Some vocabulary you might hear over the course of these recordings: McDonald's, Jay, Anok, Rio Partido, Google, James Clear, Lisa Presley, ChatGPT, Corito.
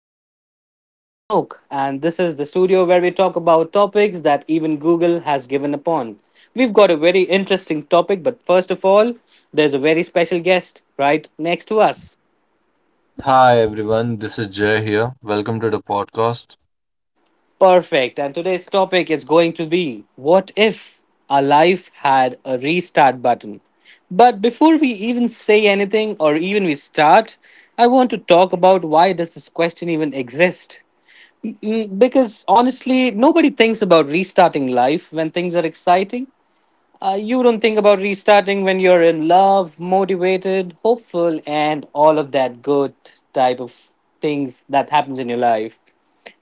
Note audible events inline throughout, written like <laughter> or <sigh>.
studio, and I am Anok. And this is the studio where we talk about topics that even Google has given upon. We've got a very interesting topic, but first of all, there's a very special guest right next to us. Hi everyone, this is Jay here. Welcome to the podcast. Perfect. And today's topic is going to be, what if our life had a restart button? But before we even say anything or even we start, I want to talk about, why does this question even exist? Because honestly, nobody thinks about restarting life when things are exciting. You don't think about restarting when you're in love, motivated, hopeful, and all of that good type of things that happens in your life.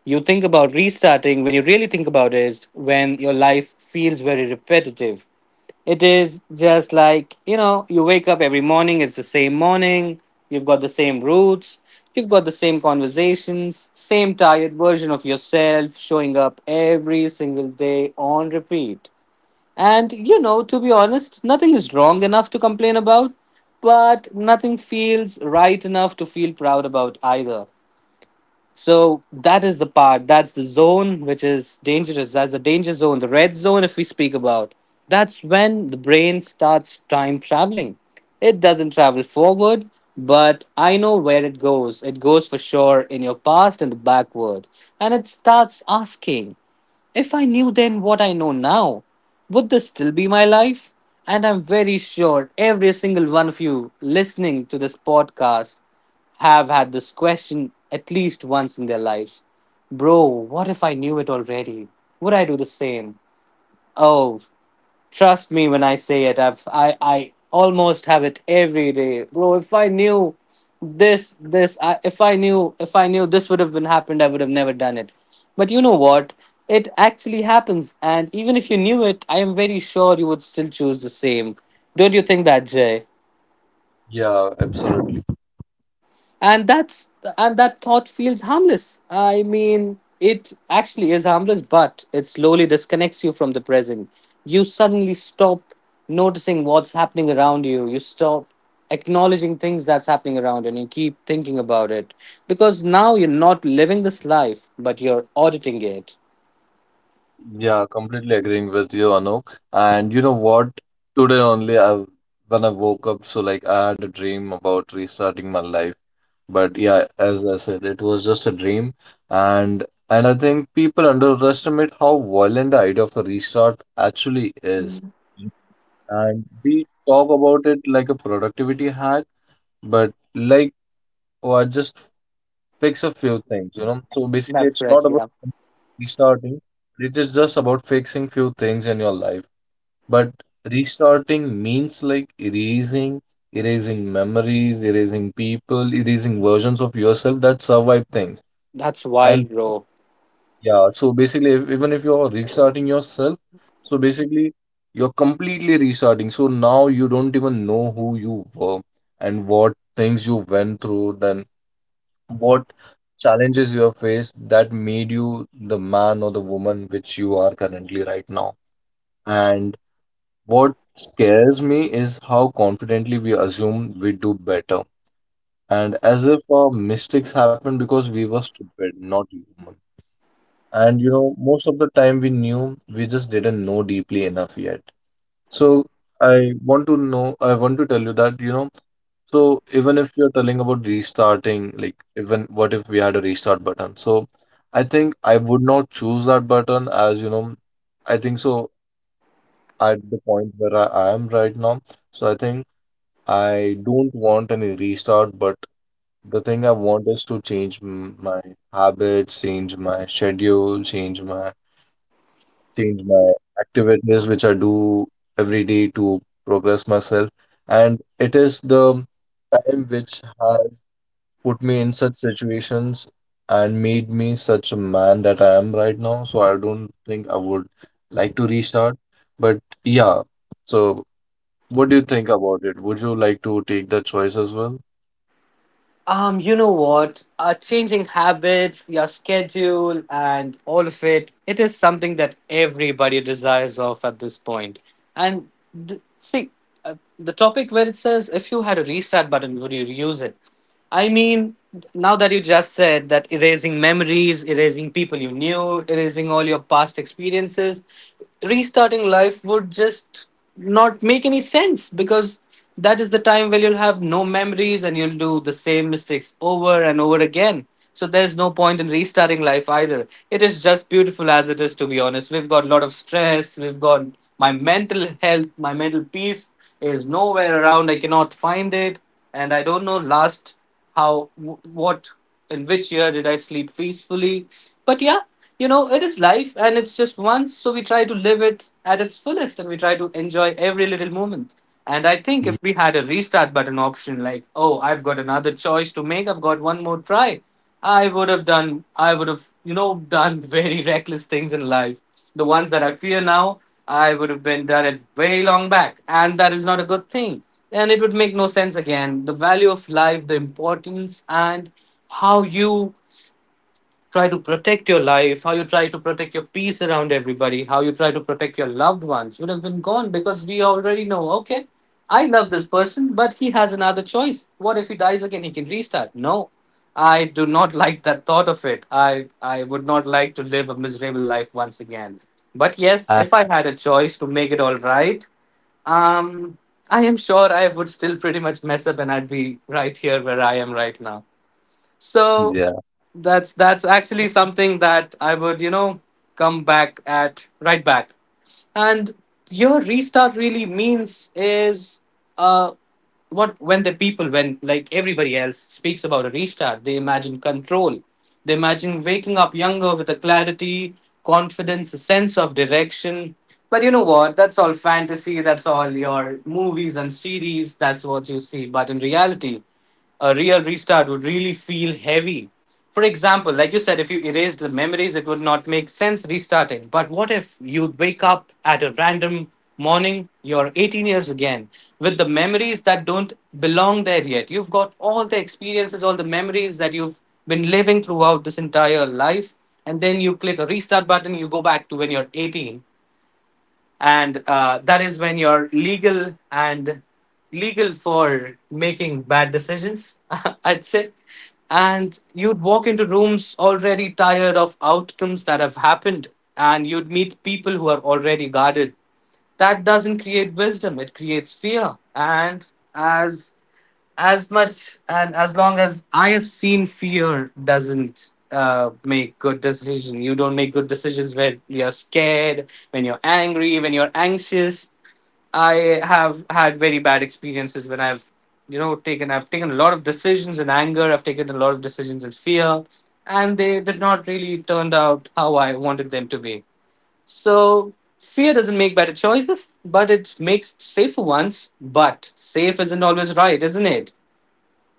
You think about restarting when you really think about is when your life feels very repetitive. It is just like, you wake up every morning, it's the same morning, you've got the same routes, you've got the same conversations, same tired version of yourself showing up every single day on repeat. And to be honest, nothing is wrong enough to complain about, but nothing feels right enough to feel proud about either. So that is the part. That's the zone which is dangerous. That's the danger zone, the red zone, if we speak about. That's when the brain starts time traveling. It doesn't travel forward, but I know where it goes. It goes for sure in your past and the backward. And it starts asking, if I knew then what I know now, would this still be my life? And I'm very sure every single one of you listening to this podcast have had this question at least once in their lives. Bro, what if I knew it already? Would I do the same? Oh, trust me when I say it. I almost have it every day. Bro, if I knew this this I, if I knew this would have been happened, I would have never done it. But you know what? It actually happens, and even if you knew it, I am very sure you would still choose the same. Don't you think that, Jay? Yeah, absolutely. and that's and that thought feels harmless. I mean, it actually is harmless, but it slowly disconnects you from the present. You suddenly stop noticing what's happening around you. You stop acknowledging things that's happening around you, and you keep thinking about it, because now you're not living this life, but you're auditing it. Yeah, completely agreeing with you, Anok. And you know what? Today only I when I woke up, so like I had a dream about restarting my life. But yeah, as I said, it was just a dream. And I think people underestimate how violent the idea of a restart actually is. And we talk about it like a productivity hack, but like or just fix a few things, you know. So basically, That's it's correct, not about yeah. restarting, it is just about fixing few things in your life. But restarting means like erasing, erasing memories, erasing people, erasing versions of yourself that survived things. That's And wild, bro. yeah, so basically, if, even if you're restarting yourself, so basically, you're completely restarting. So now you don't even know who you were and what things you went through, then what challenges you have faced that made you the man or the woman which you are currently right now. And what scares me is how confidently we assume we do better. And as if our mistakes happened because we were stupid, not human. And you know, most of the time we knew, we just didn't know deeply enough yet. So I want to know, I want to tell you that, you know, so even if you're telling about restarting, like even what if we had a restart button? So I think I would not choose that button as, you know, I think so at the point where I am right now. So I think I don't want any restart, but the thing I want is to change my habits, change my schedule, change my activities which I do every day to progress myself. And it is the time which has put me in such situations and made me such a man that I am right now. So I don't think I would like to restart. But yeah, so what do you think about it? Would you like to take that choice as well? You know what? Changing habits, your schedule, and all of it, it is something that everybody desires of at this point. And see, the topic where it says, if you had a restart button, would you use it? I mean, now that you just said that erasing memories, erasing people you knew, erasing all your past experiences, restarting life would just not make any sense, because that is the time where you'll have no memories and you'll do the same mistakes over and over again. So there's no point in restarting life either. It is just beautiful as it is, to be honest. We've got a lot of stress. We've got my mental health, my mental peace is nowhere around. I cannot find it. And I don't know last how, wh- what, in which year did I sleep peacefully. But yeah, you know, it is life, and it's just once, so we try to live it at its fullest and we try to enjoy every little moment. And I think Yeah, if we had a restart button option, like, oh, I've got another choice to make, I've got one more try, I would have done very <laughs> reckless things in life, the ones that I fear now. I would have been done it way long back, and that is not a good thing. And it would make no sense again. The value of life, the importance, and how you try to protect your life, how you try to protect your peace around everybody, how you try to protect your loved ones would have been gone, because we already know, okay, I love this person, but he has another choice. What if he dies again? He can restart. No. I do not <laughs> like that thought of it. I would not like to live a miserable life once again. But yes, I- if I had a choice to make it all right, um, I am sure I would still pretty much mess up, and I'd be right here where I am right now. So yeah, that's actually something that I would, you know, come back at right back. And your restart really means is, uh what, when the people, when like everybody else speaks about a restart, they imagine control. They imagine waking up younger with a clarity, confidence, a sense of direction. But you know what? That's all fantasy. That's all your movies and series. That's what you see. But in reality, a real restart would really feel heavy. For example, like you said, if you erase the memories, it would not make sense restarting. But what if you wake up at a random morning, you're 18 years again, with the memories that don't belong there yet? You've got all the experiences, all the memories that you've been living throughout this entire life, and then you click a restart button, you go back to when you're 18, and that is when you're legal, and legal for making bad decisions, <laughs> I'd say. And you'd walk into rooms already tired of outcomes that have happened, and you'd meet people who are already guarded. That doesn't create wisdom, it creates fear. And as as much and as long as I have seen, fear doesn't make good decision. You don't make good decisions when you're scared, when you're angry, when you're anxious. I have had very bad experiences when I've taken a lot of decisions in anger. I've taken a lot of decisions in fear, and they did not really turned out how I wanted them to be. So fear doesn't make better choices, but it makes safer ones. But safe isn't always right, isn't it?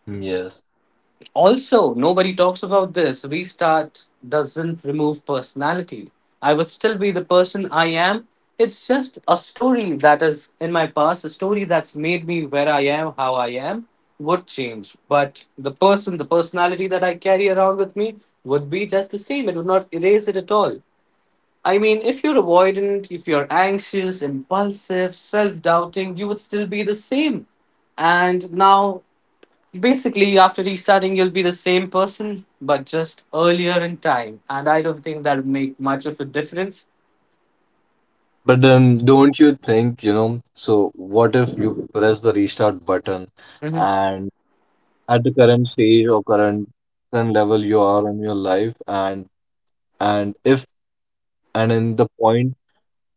yes. Also, nobody talks about this. Restart doesn't remove personality. I would still be the person I am. It's just a story that is in my past, a story that's made me where I am, how I am, would change. But the person, the personality that I carry around with me would be just the same. It would not erase it at all. I mean, if you're avoidant, if you're anxious, impulsive, self doubting, you would still be the same. And now, basically, after restarting, you'll be the same person, but just earlier in time. And I don't think that would make much of a difference. But then don't you think, you know, so what if you press the restart button and at the current stage or current level you are in your life and if and in the point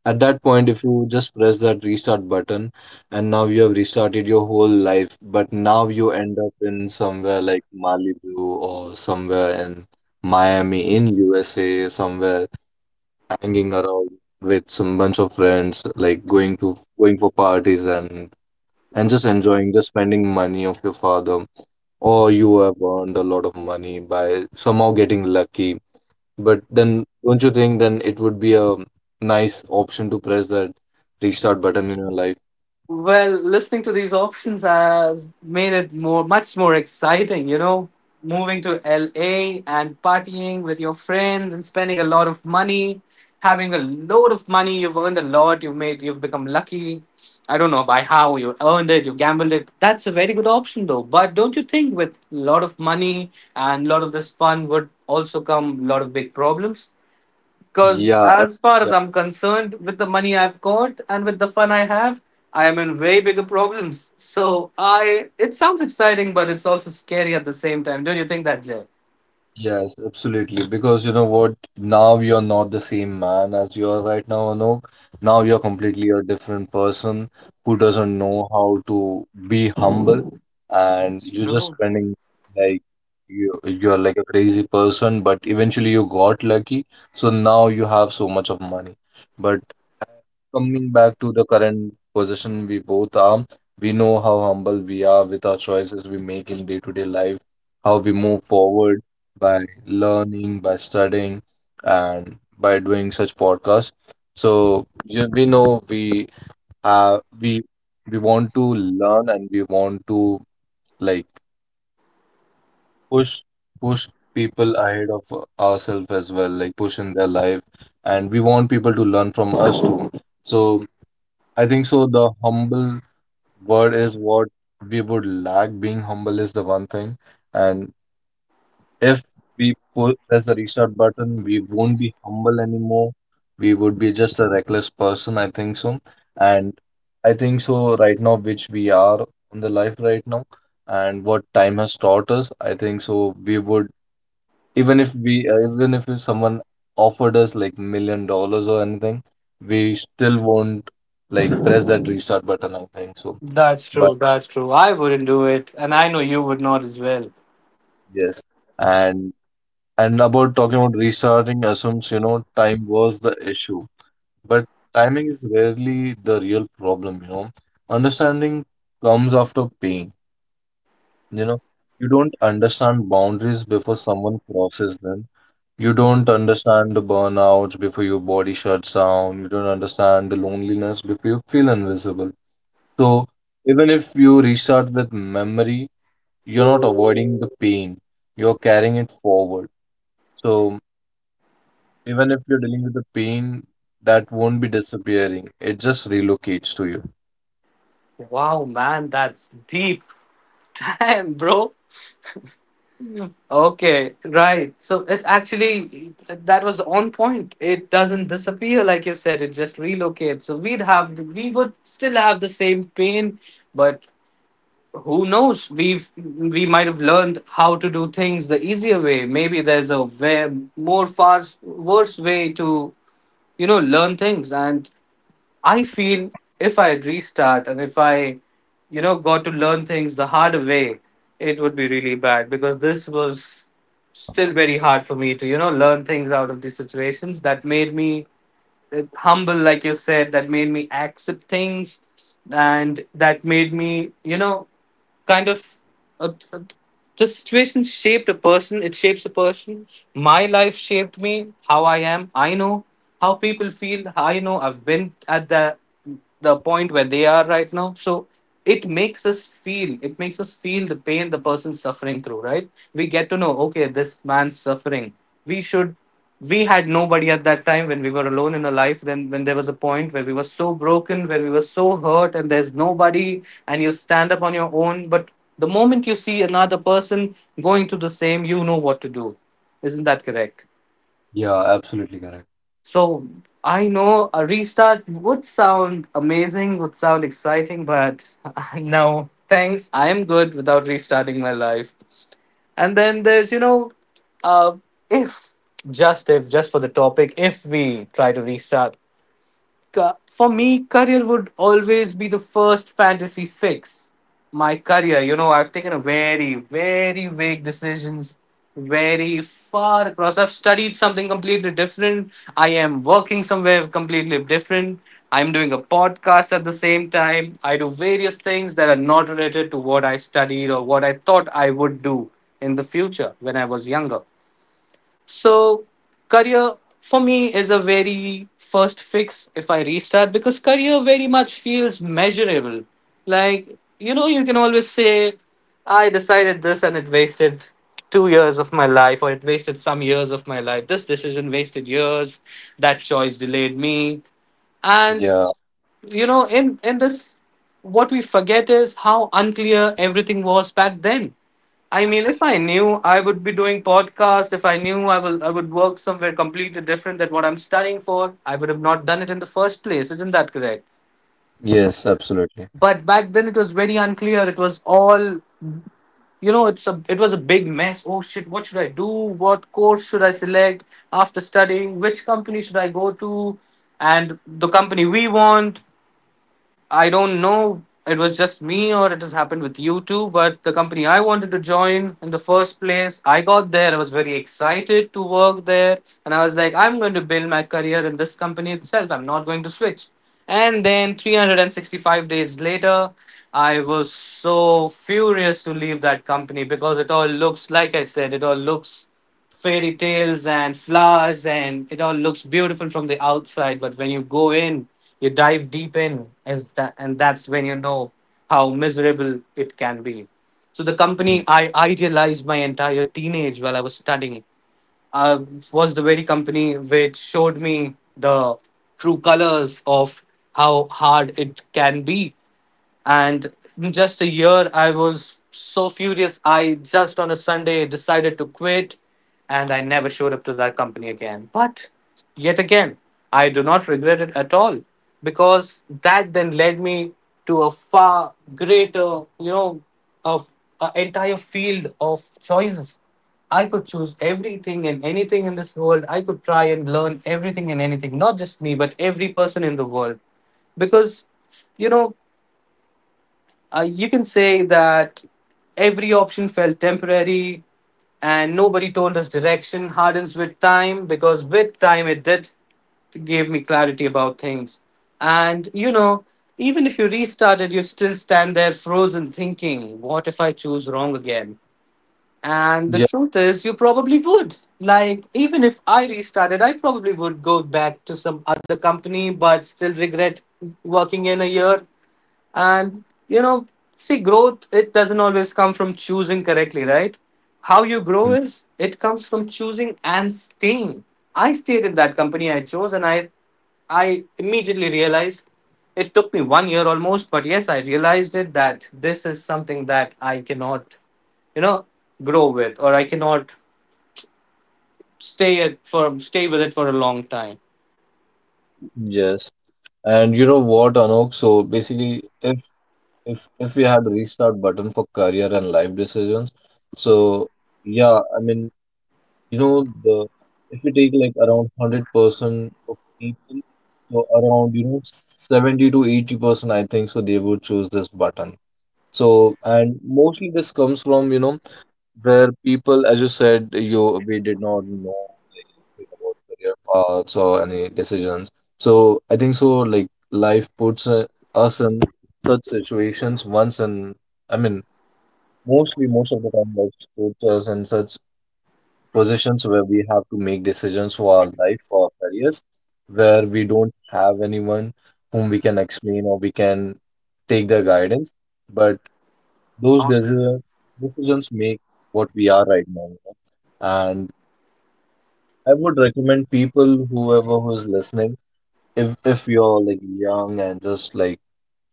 at that point if you just press that restart button and now you have restarted your whole life but now you end up in somewhere like Malibu or somewhere in Miami in USA somewhere hanging around with some bunch of friends like going for parties and just enjoying just spending money of your father or you have earned a lot of money by somehow getting lucky. But then, don't you think then it would be a nice option to press that restart button in your life? Well, listening to these options has made it more much more exciting, you know. Moving to LA and partying with your friends and spending a lot of money, having a load of money, you've earned a lot, you've become lucky. I don't know by how you earned it, you gambled it. That's a very good option though. But don't you think with a lot of money and a lot of this fun would also come a lot of big problems? Because Yeah, and- as far as yeah. I'm concerned, with the money I've got and with the fun I have, I am in way bigger problems. So I, it sounds exciting, but it's also scary at the same time. Don't you think that, Jay? Yes, absolutely. Because you know what? Now you're not the same man as you are right now, Anok. Now you're completely a different person who doesn't know how to be humble, and That's you're just true. spending like you're like a crazy person. But eventually you got lucky, so now you have so much of money. But coming back to the current position we both are, we know how humble we are with our choices we make in day-to-day life, how we move forward by learning, by studying, and by doing such podcasts. So yeah, we know uh we we want to learn and we want to like push push people ahead of ourselves as well, like push in their life, and we want people to learn from us too. So I think so. The humble word is what we would lack. Being humble is the one thing. And if we pull press the restart button, we won't be humble anymore. We would be just a reckless person, I think so. And I think so right now, which we are in the life right now, and what time has taught us, I think so we would even if someone offered us like $1 million or anything, we still won't like press that restart button, I think so. That's But true. That's true. I wouldn't do it, and I know you would not as well. yes, and and about talking about restarting assumes, you know, time was the issue. But timing is rarely the real problem, you know. Understanding comes after pain, you know. You don't understand boundaries before someone crosses them. You don't understand the burnouts before your body shuts down. You don't understand the loneliness before you feel invisible. So, even if you restart with memory, you're not avoiding the pain. You're carrying it forward. So, even if you're dealing with the pain, that won't be disappearing. It just relocates to you. Wow, man, that's deep. <laughs> Damn, bro. Okay, right. So it actually that was on point. It doesn't disappear, like you said, it just relocates. So we'd we would still have the same pain, but who knows? We might have learned how to do things the easier way. Maybe there's a way, more far worse way to learn things. And I feel if I restart and if I got to learn things the hard way, it would be really bad, because this was still very hard for me to learn things out of these situations that made me humble, like you said, that made me accept things, and that made me kind of uh, uh, the situation shaped a person. It shapes a person. My life shaped me how I am. I know how people feel. I know I've been at that the point where they are right now. So it makes us it makes us feel the pain the person's suffering through, right? We get to know, okay, this man's suffering, we should... We had nobody at that time when we were alone in a life. Then when there was a point where we were so broken, where we were so hurt, and there's nobody, and you stand up on your own. But the moment you see another person going through the same, you know what to do. Isn't that correct? Yeah, absolutely correct. So I know a restart would sound amazing, would sound exciting, but <laughs> no, thanks. I am good without restarting my life. And then there's, you know, uh, if, if, just for the topic, if we try to restart, for me, career would always be the first fantasy fix. My career, you know, I've taken a very, very vague decisions, very far across. I've studied something completely different. I am working somewhere completely different. I'm doing a podcast at the same time. I do various things that are not related to what I studied or what I thought I would do in the future when I was younger. So, career for me is a very first fix if I restart, because career very much feels measurable. Like, you know, you can always say, I decided this and it wasted 2 years of my life, or it wasted some years of my life. This decision wasted years, that choice delayed me. And Yeah, you know in this, what we forget is how unclear everything was back then. I mean, if I knew I would be doing podcast, if I knew I would work somewhere completely different than what I'm studying for, I would have not done it in the first place. Isn't that correct? yes, absolutely. But back then it was very unclear. It was all it was a big mess. Oh shit, what should I do? What course should I select? After studying, which company should I go to? And the company we want... I don't know, it was just me or it has happened with you too, but the company I wanted to join in the first place, I got there. I was very excited to work there. And I was like, I'm going to build my career in this company itself. I'm not going to switch. And then 365 days later, I was so furious to leave that company, because it all looks, like I said, it all looks fairy tales and flowers, and it all looks beautiful from the outside. But when you go in, you dive deep in, is that... And that's when you know how miserable it can be. So the company Mm. I idealized my entire teenage while I was studying, uh, was the very company which showed me the true colors of how hard it can be. And in just a year I was so furious, I just on a Sunday decided to quit, and I never showed up to that company again. But yet again, I do not regret it at all, because that then led me to a far greater, you know, of an entire field of choices. I could choose everything and anything in this world. I could try and learn everything and anything, not just me, but every person in the world. Because, you know, you can say that every option felt temporary. And nobody told us direction hardens with time, because with time it did, gave me clarity about things. And you know, even if you restarted, you'd still stand there frozen thinking, what if I choose wrong again? And the Yeah, truth is, you probably would. Like, even if I restarted, I probably would go back to some other company but still regret working in a year. And you know, see, growth it doesn't always come from choosing correctly, right? How you grow mm, is it comes from choosing and staying. I stayed in that company I chose, and I immediately realized, it took me 1 year almost, but yes, I realized it that this is something that I cannot, you know, grow with, or I cannot stay with it for a long time. yes. And you know what, Anok? So basically, if we had restart button for career and life decisions so yeah I mean you know the if you take like around 100% of people so around you know 70 to 80% I think so they would choose this button. So and mostly this comes from you know where people, as you said, you we did not know like anything about career paths or any decisions. So I think so like life puts us in such situations once and I mean mostly most of the time life puts us in such positions where we have to make decisions for our life, for our careers, where we don't have anyone whom we can explain or we can take their guidance. But those desert decisions make what we are right now. You know? And I would recommend people, whoever who is listening, if you're like young and just like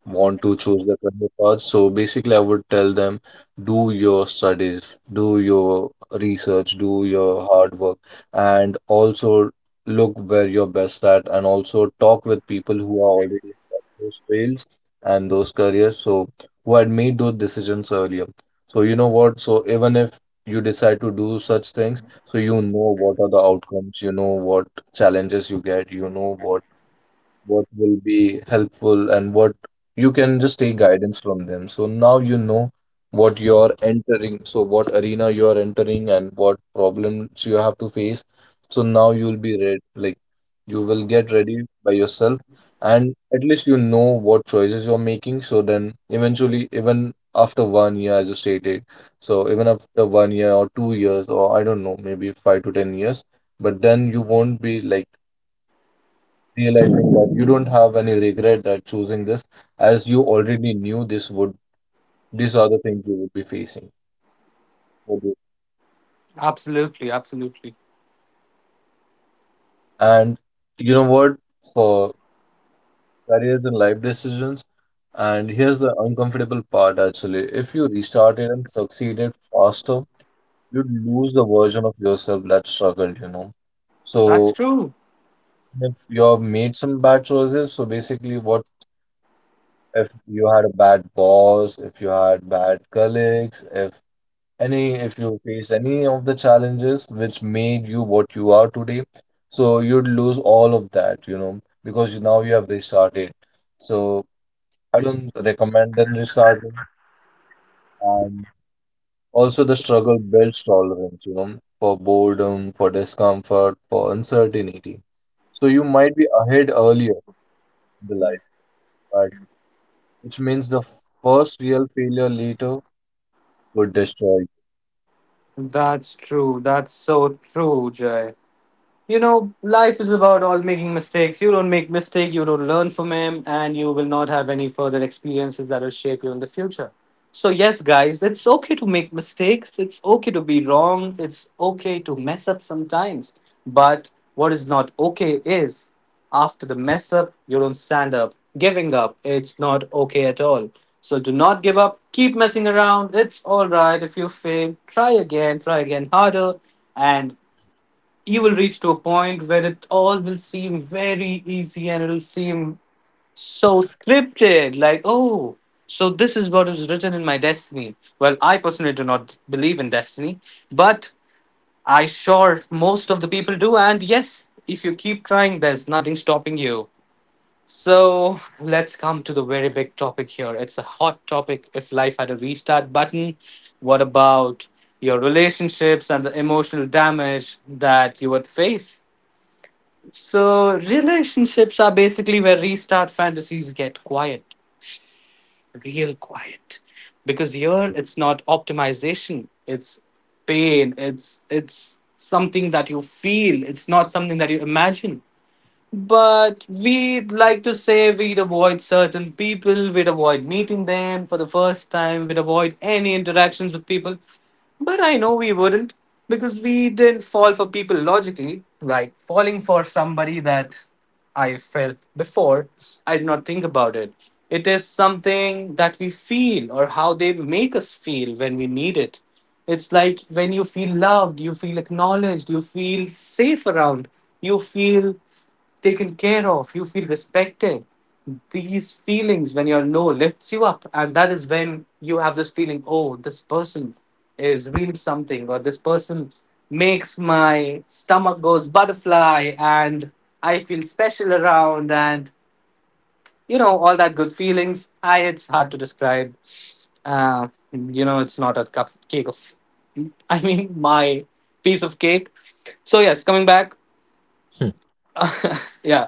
want to choose the career path. So basically, I would tell them do your studies, do your research, do your hard work, and also look where you're best at, and also talk with people who are already in that- those fields and those careers. So who had made those decisions earlier. So you know what? So even if you decide to do such things, so you know what are the outcomes, you know what challenges you get, you know what will be helpful and what you can just take guidance from them. So now you know what you're entering, so what arena you're entering and what problems you have to face. So now you'll be ready, like you will get ready by yourself and at least you know what choices you're making. So then eventually, even after 1 year, as you stated, so even after 1 year or 2 years, or I don't know, maybe 5 to 10 years, but then you won't be like realizing that you don't have any regret that choosing this as you already knew this would these are the things you would be facing. Okay. Absolutely, absolutely. And you know what, for careers and life decisions and here's the uncomfortable part, actually if you restarted and succeeded faster you'd lose the version of yourself that struggled, you know. That's So true. if you have made some bad choices, so basically what if you had a bad boss, if you had bad colleagues, if any, if you face any of the challenges which made you what you are today, so you'd lose all of that, you know, because now you have restarted. So I don't recommend them restarting. And also, the struggle builds tolerance, you know, for boredom, for discomfort, for uncertainty. So you might be ahead earlier in the life, but which means the first real failure later would destroy you. That's true. That's so true, Jay. You know, life is about all making mistakes. You don't make mistake, you don't learn from him, and you will not have any further experiences that will shape you in the future. So yes, guys, it's okay to make mistakes. It's okay to be wrong. It's okay to mess up sometimes. But what is not okay is after the mess up, you don't stand up. Giving up, it's not okay at all. So do not give up. Keep messing around. It's all right if you fail. Try again. Try again harder. And you will reach to a point where it all will seem very easy, and it'll seem so scripted, like oh, so this is what is written in my destiny. Well, I personally do not believe in destiny. But I sure most of the people do. And yes, if you keep trying, there's nothing stopping you. So let's come to the very big topic here. It's a hot topic. If life had a restart button, what about your relationships and the emotional damage that you would face? So relationships are basically where restart fantasies get quiet, real quiet. Because here it's not optimization, it's pain. It's something that you feel, it's not something that you imagine. But we'd like to say we'd avoid certain people, we'd avoid meeting them for the first time, we'd avoid any interactions with people. But I know we wouldn't, because we didn't fall for people logically. Like falling for somebody that I felt before, I did not think about it. It is something that we feel, or how they make us feel when we need it. It's like when you feel loved, you feel acknowledged, you feel safe around, you feel taken care of, you feel respected. These feelings when you're low lifts you up, and that is when you have this feeling, oh, this person is really something, or this person makes my stomach goes butterfly, and I feel special around. And you know, all that good feelings, I it's hard to describe. You know, it's not a cup cake of <laughs> I mean, my piece of cake. So yes, coming back, Hmm. yeah.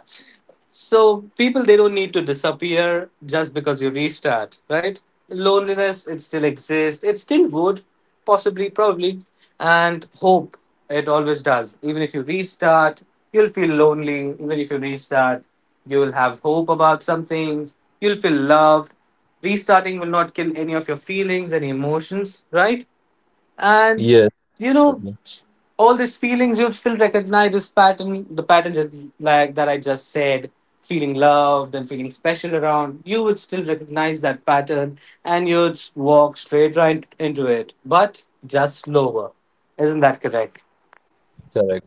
So people they don't need to disappear just because you restart, right? Loneliness it still exists. It still would, possibly, probably, and hope it always does. Even if you restart, you'll feel lonely. Even if you restart, you'll have hope about some things. You'll feel loved. Restarting will not kill any of your feelings, any emotions, right? And Yes, you know, certainly. all these feelings you'll still recognize this pattern, the patterns that, like that I just said, feeling loved and feeling special around, you would still recognize that pattern, and you'd walk straight right into it, but just slower. Isn't that correct? Correct.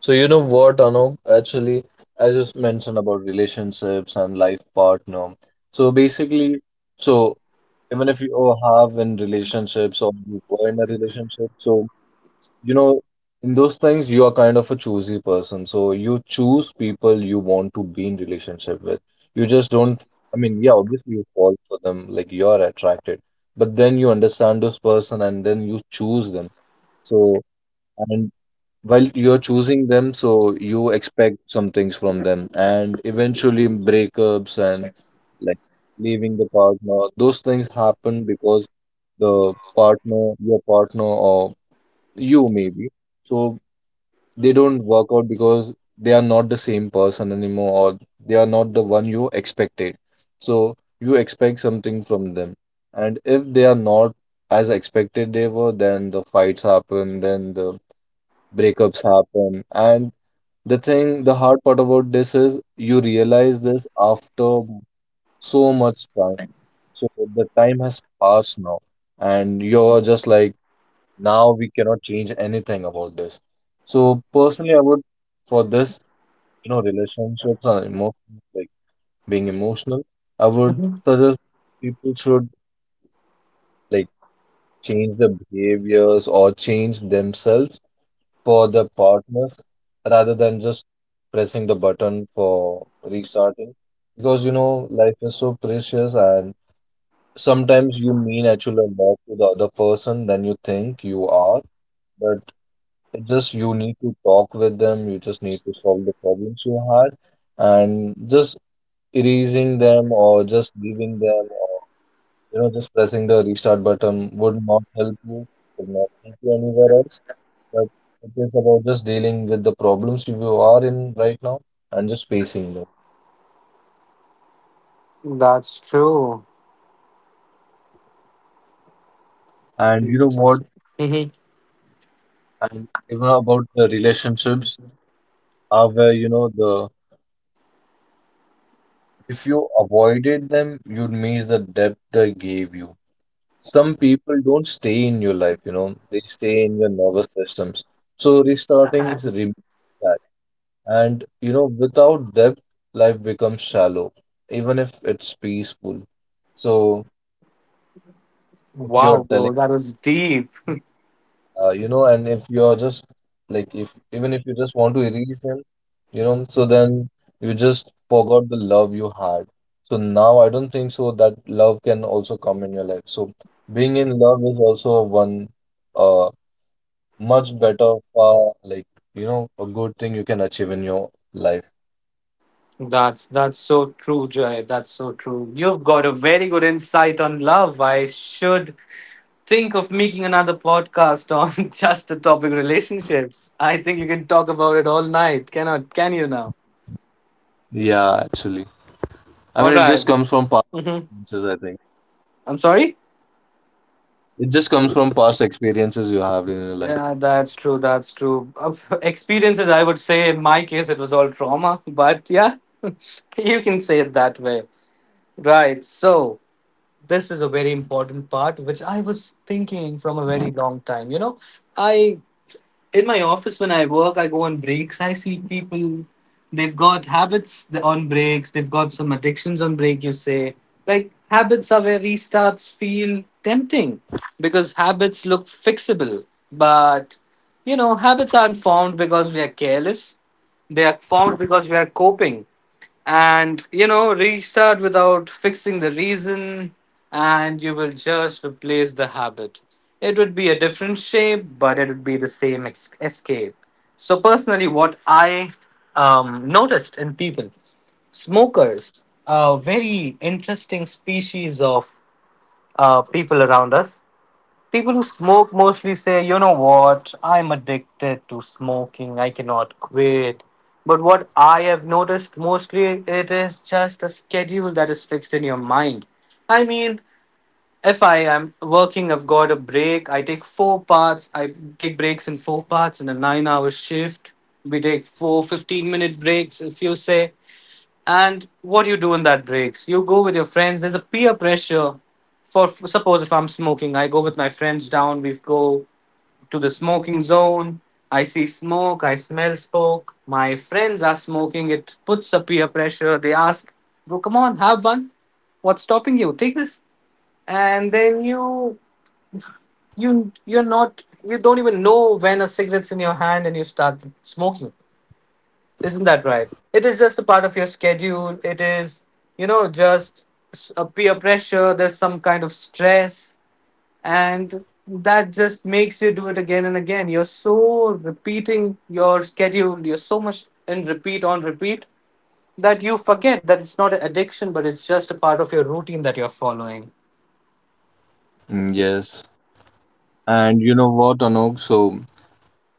So you know what, Anok, actually, as mentioned about relationships and life partner. So basically, so even if you all have in relationships or you were in a relationship, so you know, in those things you are kind of a choosy person. So you choose people you want to be in relationship with. You just don't, I mean, yeah, obviously you fall for them, like you are attracted, but then you understand this person and then you choose them. So and while you're choosing them, so you expect some things from them, and eventually breakups and like leaving the partner, those things happen because the partner, your partner, or you maybe, so they don't work out because they are not the same person anymore, or they are not the one you expected. So you expect something from them, and if they are not as expected they were, then the fights happen, then the breakups happen, and the thing, the hard part about this is you realize this after so much time. So the time has passed now, and you're just like, now we cannot change anything about this. So personally, I would, for this, you know, relationships are emotional, like being emotional, I would Mhm. suggest people should like change their behaviors or change themselves for the partners rather than just pressing the button for restarting. Because life is so precious, and sometimes you mean actually a lot to the other person than you think you are. But it just you need to talk with them, you just need to solve the problems you had, and just erasing them or just leaving them or just pressing the restart button would not help you, would not take you anywhere else. But it is about just dealing with the problems you are in right now and just facing them. That's true. And you know what? Hmm. And even about the relationships are where, the if you avoided them, you'd miss the depth they gave you. Some people don't stay in your life, they stay in your nervous systems. So restarting is removes that. And without depth, life becomes shallow, even if it's peaceful. So if you're Wow telling bro, that was deep. And if you're just like, if even if you just want to erase them, so then you just forgot the love you had. So now I don't think so that love can also come in your life. So being in love is also one uh much better, far like, a good thing you can achieve in your life. That's so true, Joy, that's so true. You've got a very good insight on love. I should think of making another podcast on <laughs> just a topic relationships. I think you can talk about it all night. Cannot, can you now? Yeah, actually. I All mean, it just right. comes from past Mm-hmm. experiences, I think. I'm sorry? It just comes from past experiences you have in your life. Yeah, that's true. That's true. Of <laughs> Experiences, I would say, in my case, it was all trauma, but yeah, <laughs> you can say it that way. Right. So, this is a very important part which I was thinking from a very long time. You know, I in my office when I work, I go on breaks. I see people, they've got habits on breaks. They've got some addictions on break. You say like habits are where restarts feel tempting, because habits look fixable, but you know habits aren't formed because we are careless. They are formed because we are coping. And you know, restart without fixing the reason, and you will just replace the habit. It would be a different shape, but it would be the same escape. So personally, what I noticed in people, smokers a very interesting species of people around us. People who smoke mostly say, you know what, I'm addicted to smoking, I cannot quit. But what I have noticed mostly, it is just a schedule that is fixed in your mind. I mean, if I am working, I've got a break, I take four parts, I take breaks in four parts in a 9 hour shift. We take four 15 minute breaks, if you say. And what do you do in that breaks? You go with your friends. There's a peer pressure. For suppose if I'm smoking, I go with my friends down. We go to the smoking zone. I see smoke. I smell smoke. My friends are smoking. It puts a peer pressure. They ask, "Bro, come on, have one. What's stopping you? Take this." And then you you're not you don't even know when a cigarette's in your hand and you start smoking. Isn't that right? It is just a part of your schedule. It is, just a peer pressure. There's some kind of stress, and that just makes you do it again and again. You're so repeating your schedule. You're so much in repeat on repeat that you forget that it's not an addiction, but it's just a part of your routine that you're following. Mm, yes. And you know what, Anok? So,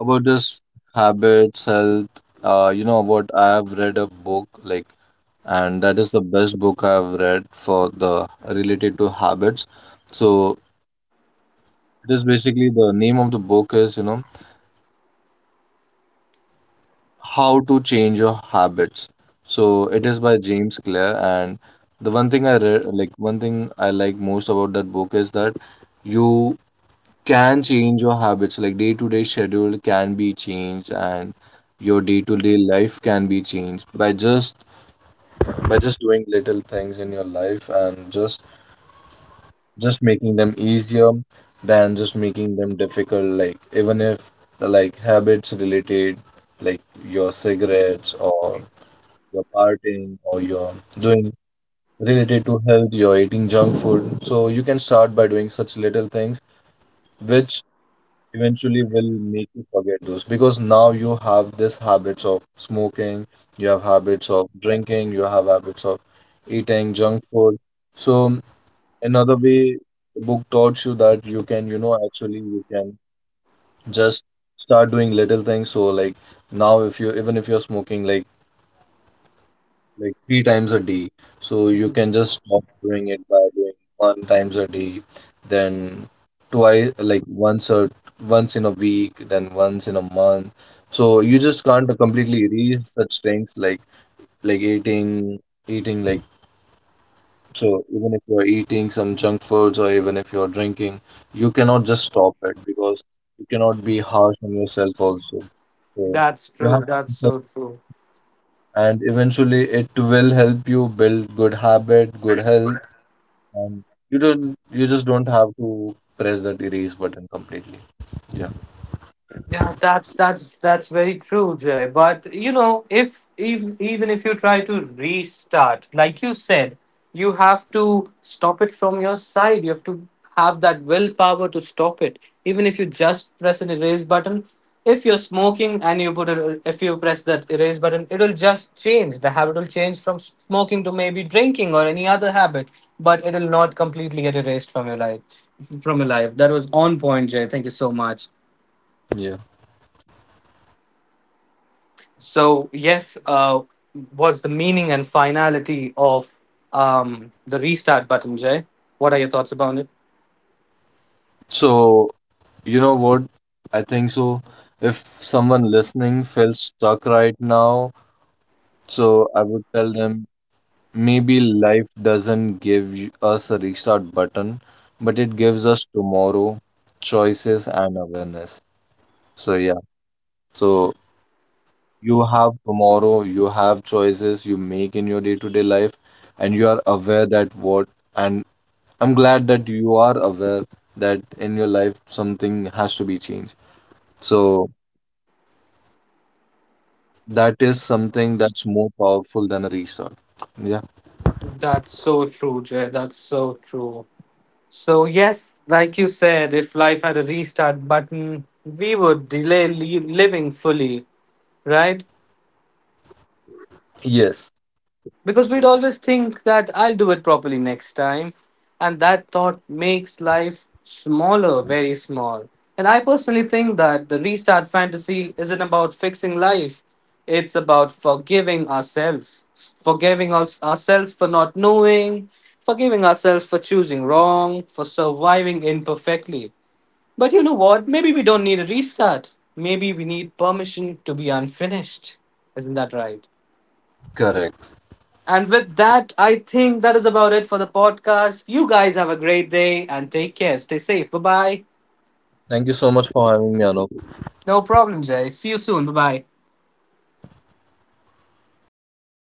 about this habits, health, you know what? I have read a book, like, and that is the best book I have read for the related to habits. So, it is basically the name of the book is, How to Change Your Habits. So it is by James Clear, and the one thing I read, like one thing I like most about that book is that you can change your habits. Like day to day schedule can be changed, and your day to day life can be changed by just doing little things in your life and just making them easier than just making them difficult. Like even if like habits related, like your cigarettes or you're partying or you're doing related to health, you're eating junk food. So you can start by doing such little things which eventually will make you forget those because now you have this habits of smoking, you have habits of drinking, you have habits of eating junk food. So another way the book taught you that you can, actually you can just start doing little things. So like now if you even if you're smoking like three times a day. So you can just stop doing it by doing one times a day, then twice, like once or once in a week, then once in a month. So you just can't completely erase such things like eating like so even if you're eating some junk foods or even if you're drinking, you cannot just stop it because you cannot be harsh on yourself also. So That's you have true. That's so true. and eventually it will help you build good habit, good health, and you just don't have to press that erase button completely. Yeah. Yeah, that's very true, Jay. But you know, if even if you try to restart, like you said, you have to stop it from your side. You have to have that willpower to stop it. Even if you just press an erase button, if you're smoking and you put it, if you press that erase button, it'll just change. The habit will change from smoking to maybe drinking or any other habit, but it'll not completely get erased from your life. From your life. That was on point, Jay. Thank you so much. Yeah. So, yes, what's the meaning and finality of the restart button, Jay? What are your thoughts about it? So, you know what? I think so. If someone listening feels stuck right now, so I would tell them maybe life doesn't give us a restart button, but it gives us tomorrow, choices, and awareness. So, yeah. So, you have tomorrow, you have choices you make in your day-to-day life, and you are aware that what, and I'm glad that you are aware that in your life something has to be changed. So that is something that's more powerful than a restart. Yeah. That's so true, Jay. That's so true. So, yes, like you said, if life had a restart button, we would delay living fully, right? Yes, Because we'd always think that I'll do it properly next time. And that thought makes life smaller, very small. And I personally think that the restart fantasy isn't about fixing life, it's about forgiving ourselves. Forgiving ourselves for not knowing, forgiving ourselves for choosing wrong, for surviving imperfectly. But you know what? Maybe we don't need a restart. Maybe we need permission to be unfinished. Isn't that right? correct. And with that, I think that is about it for the podcast. You guys have a great day and take care. Stay safe. Bye bye. Thank you so much for having me, Anup. No problem, Jay. See you soon. Bye bye.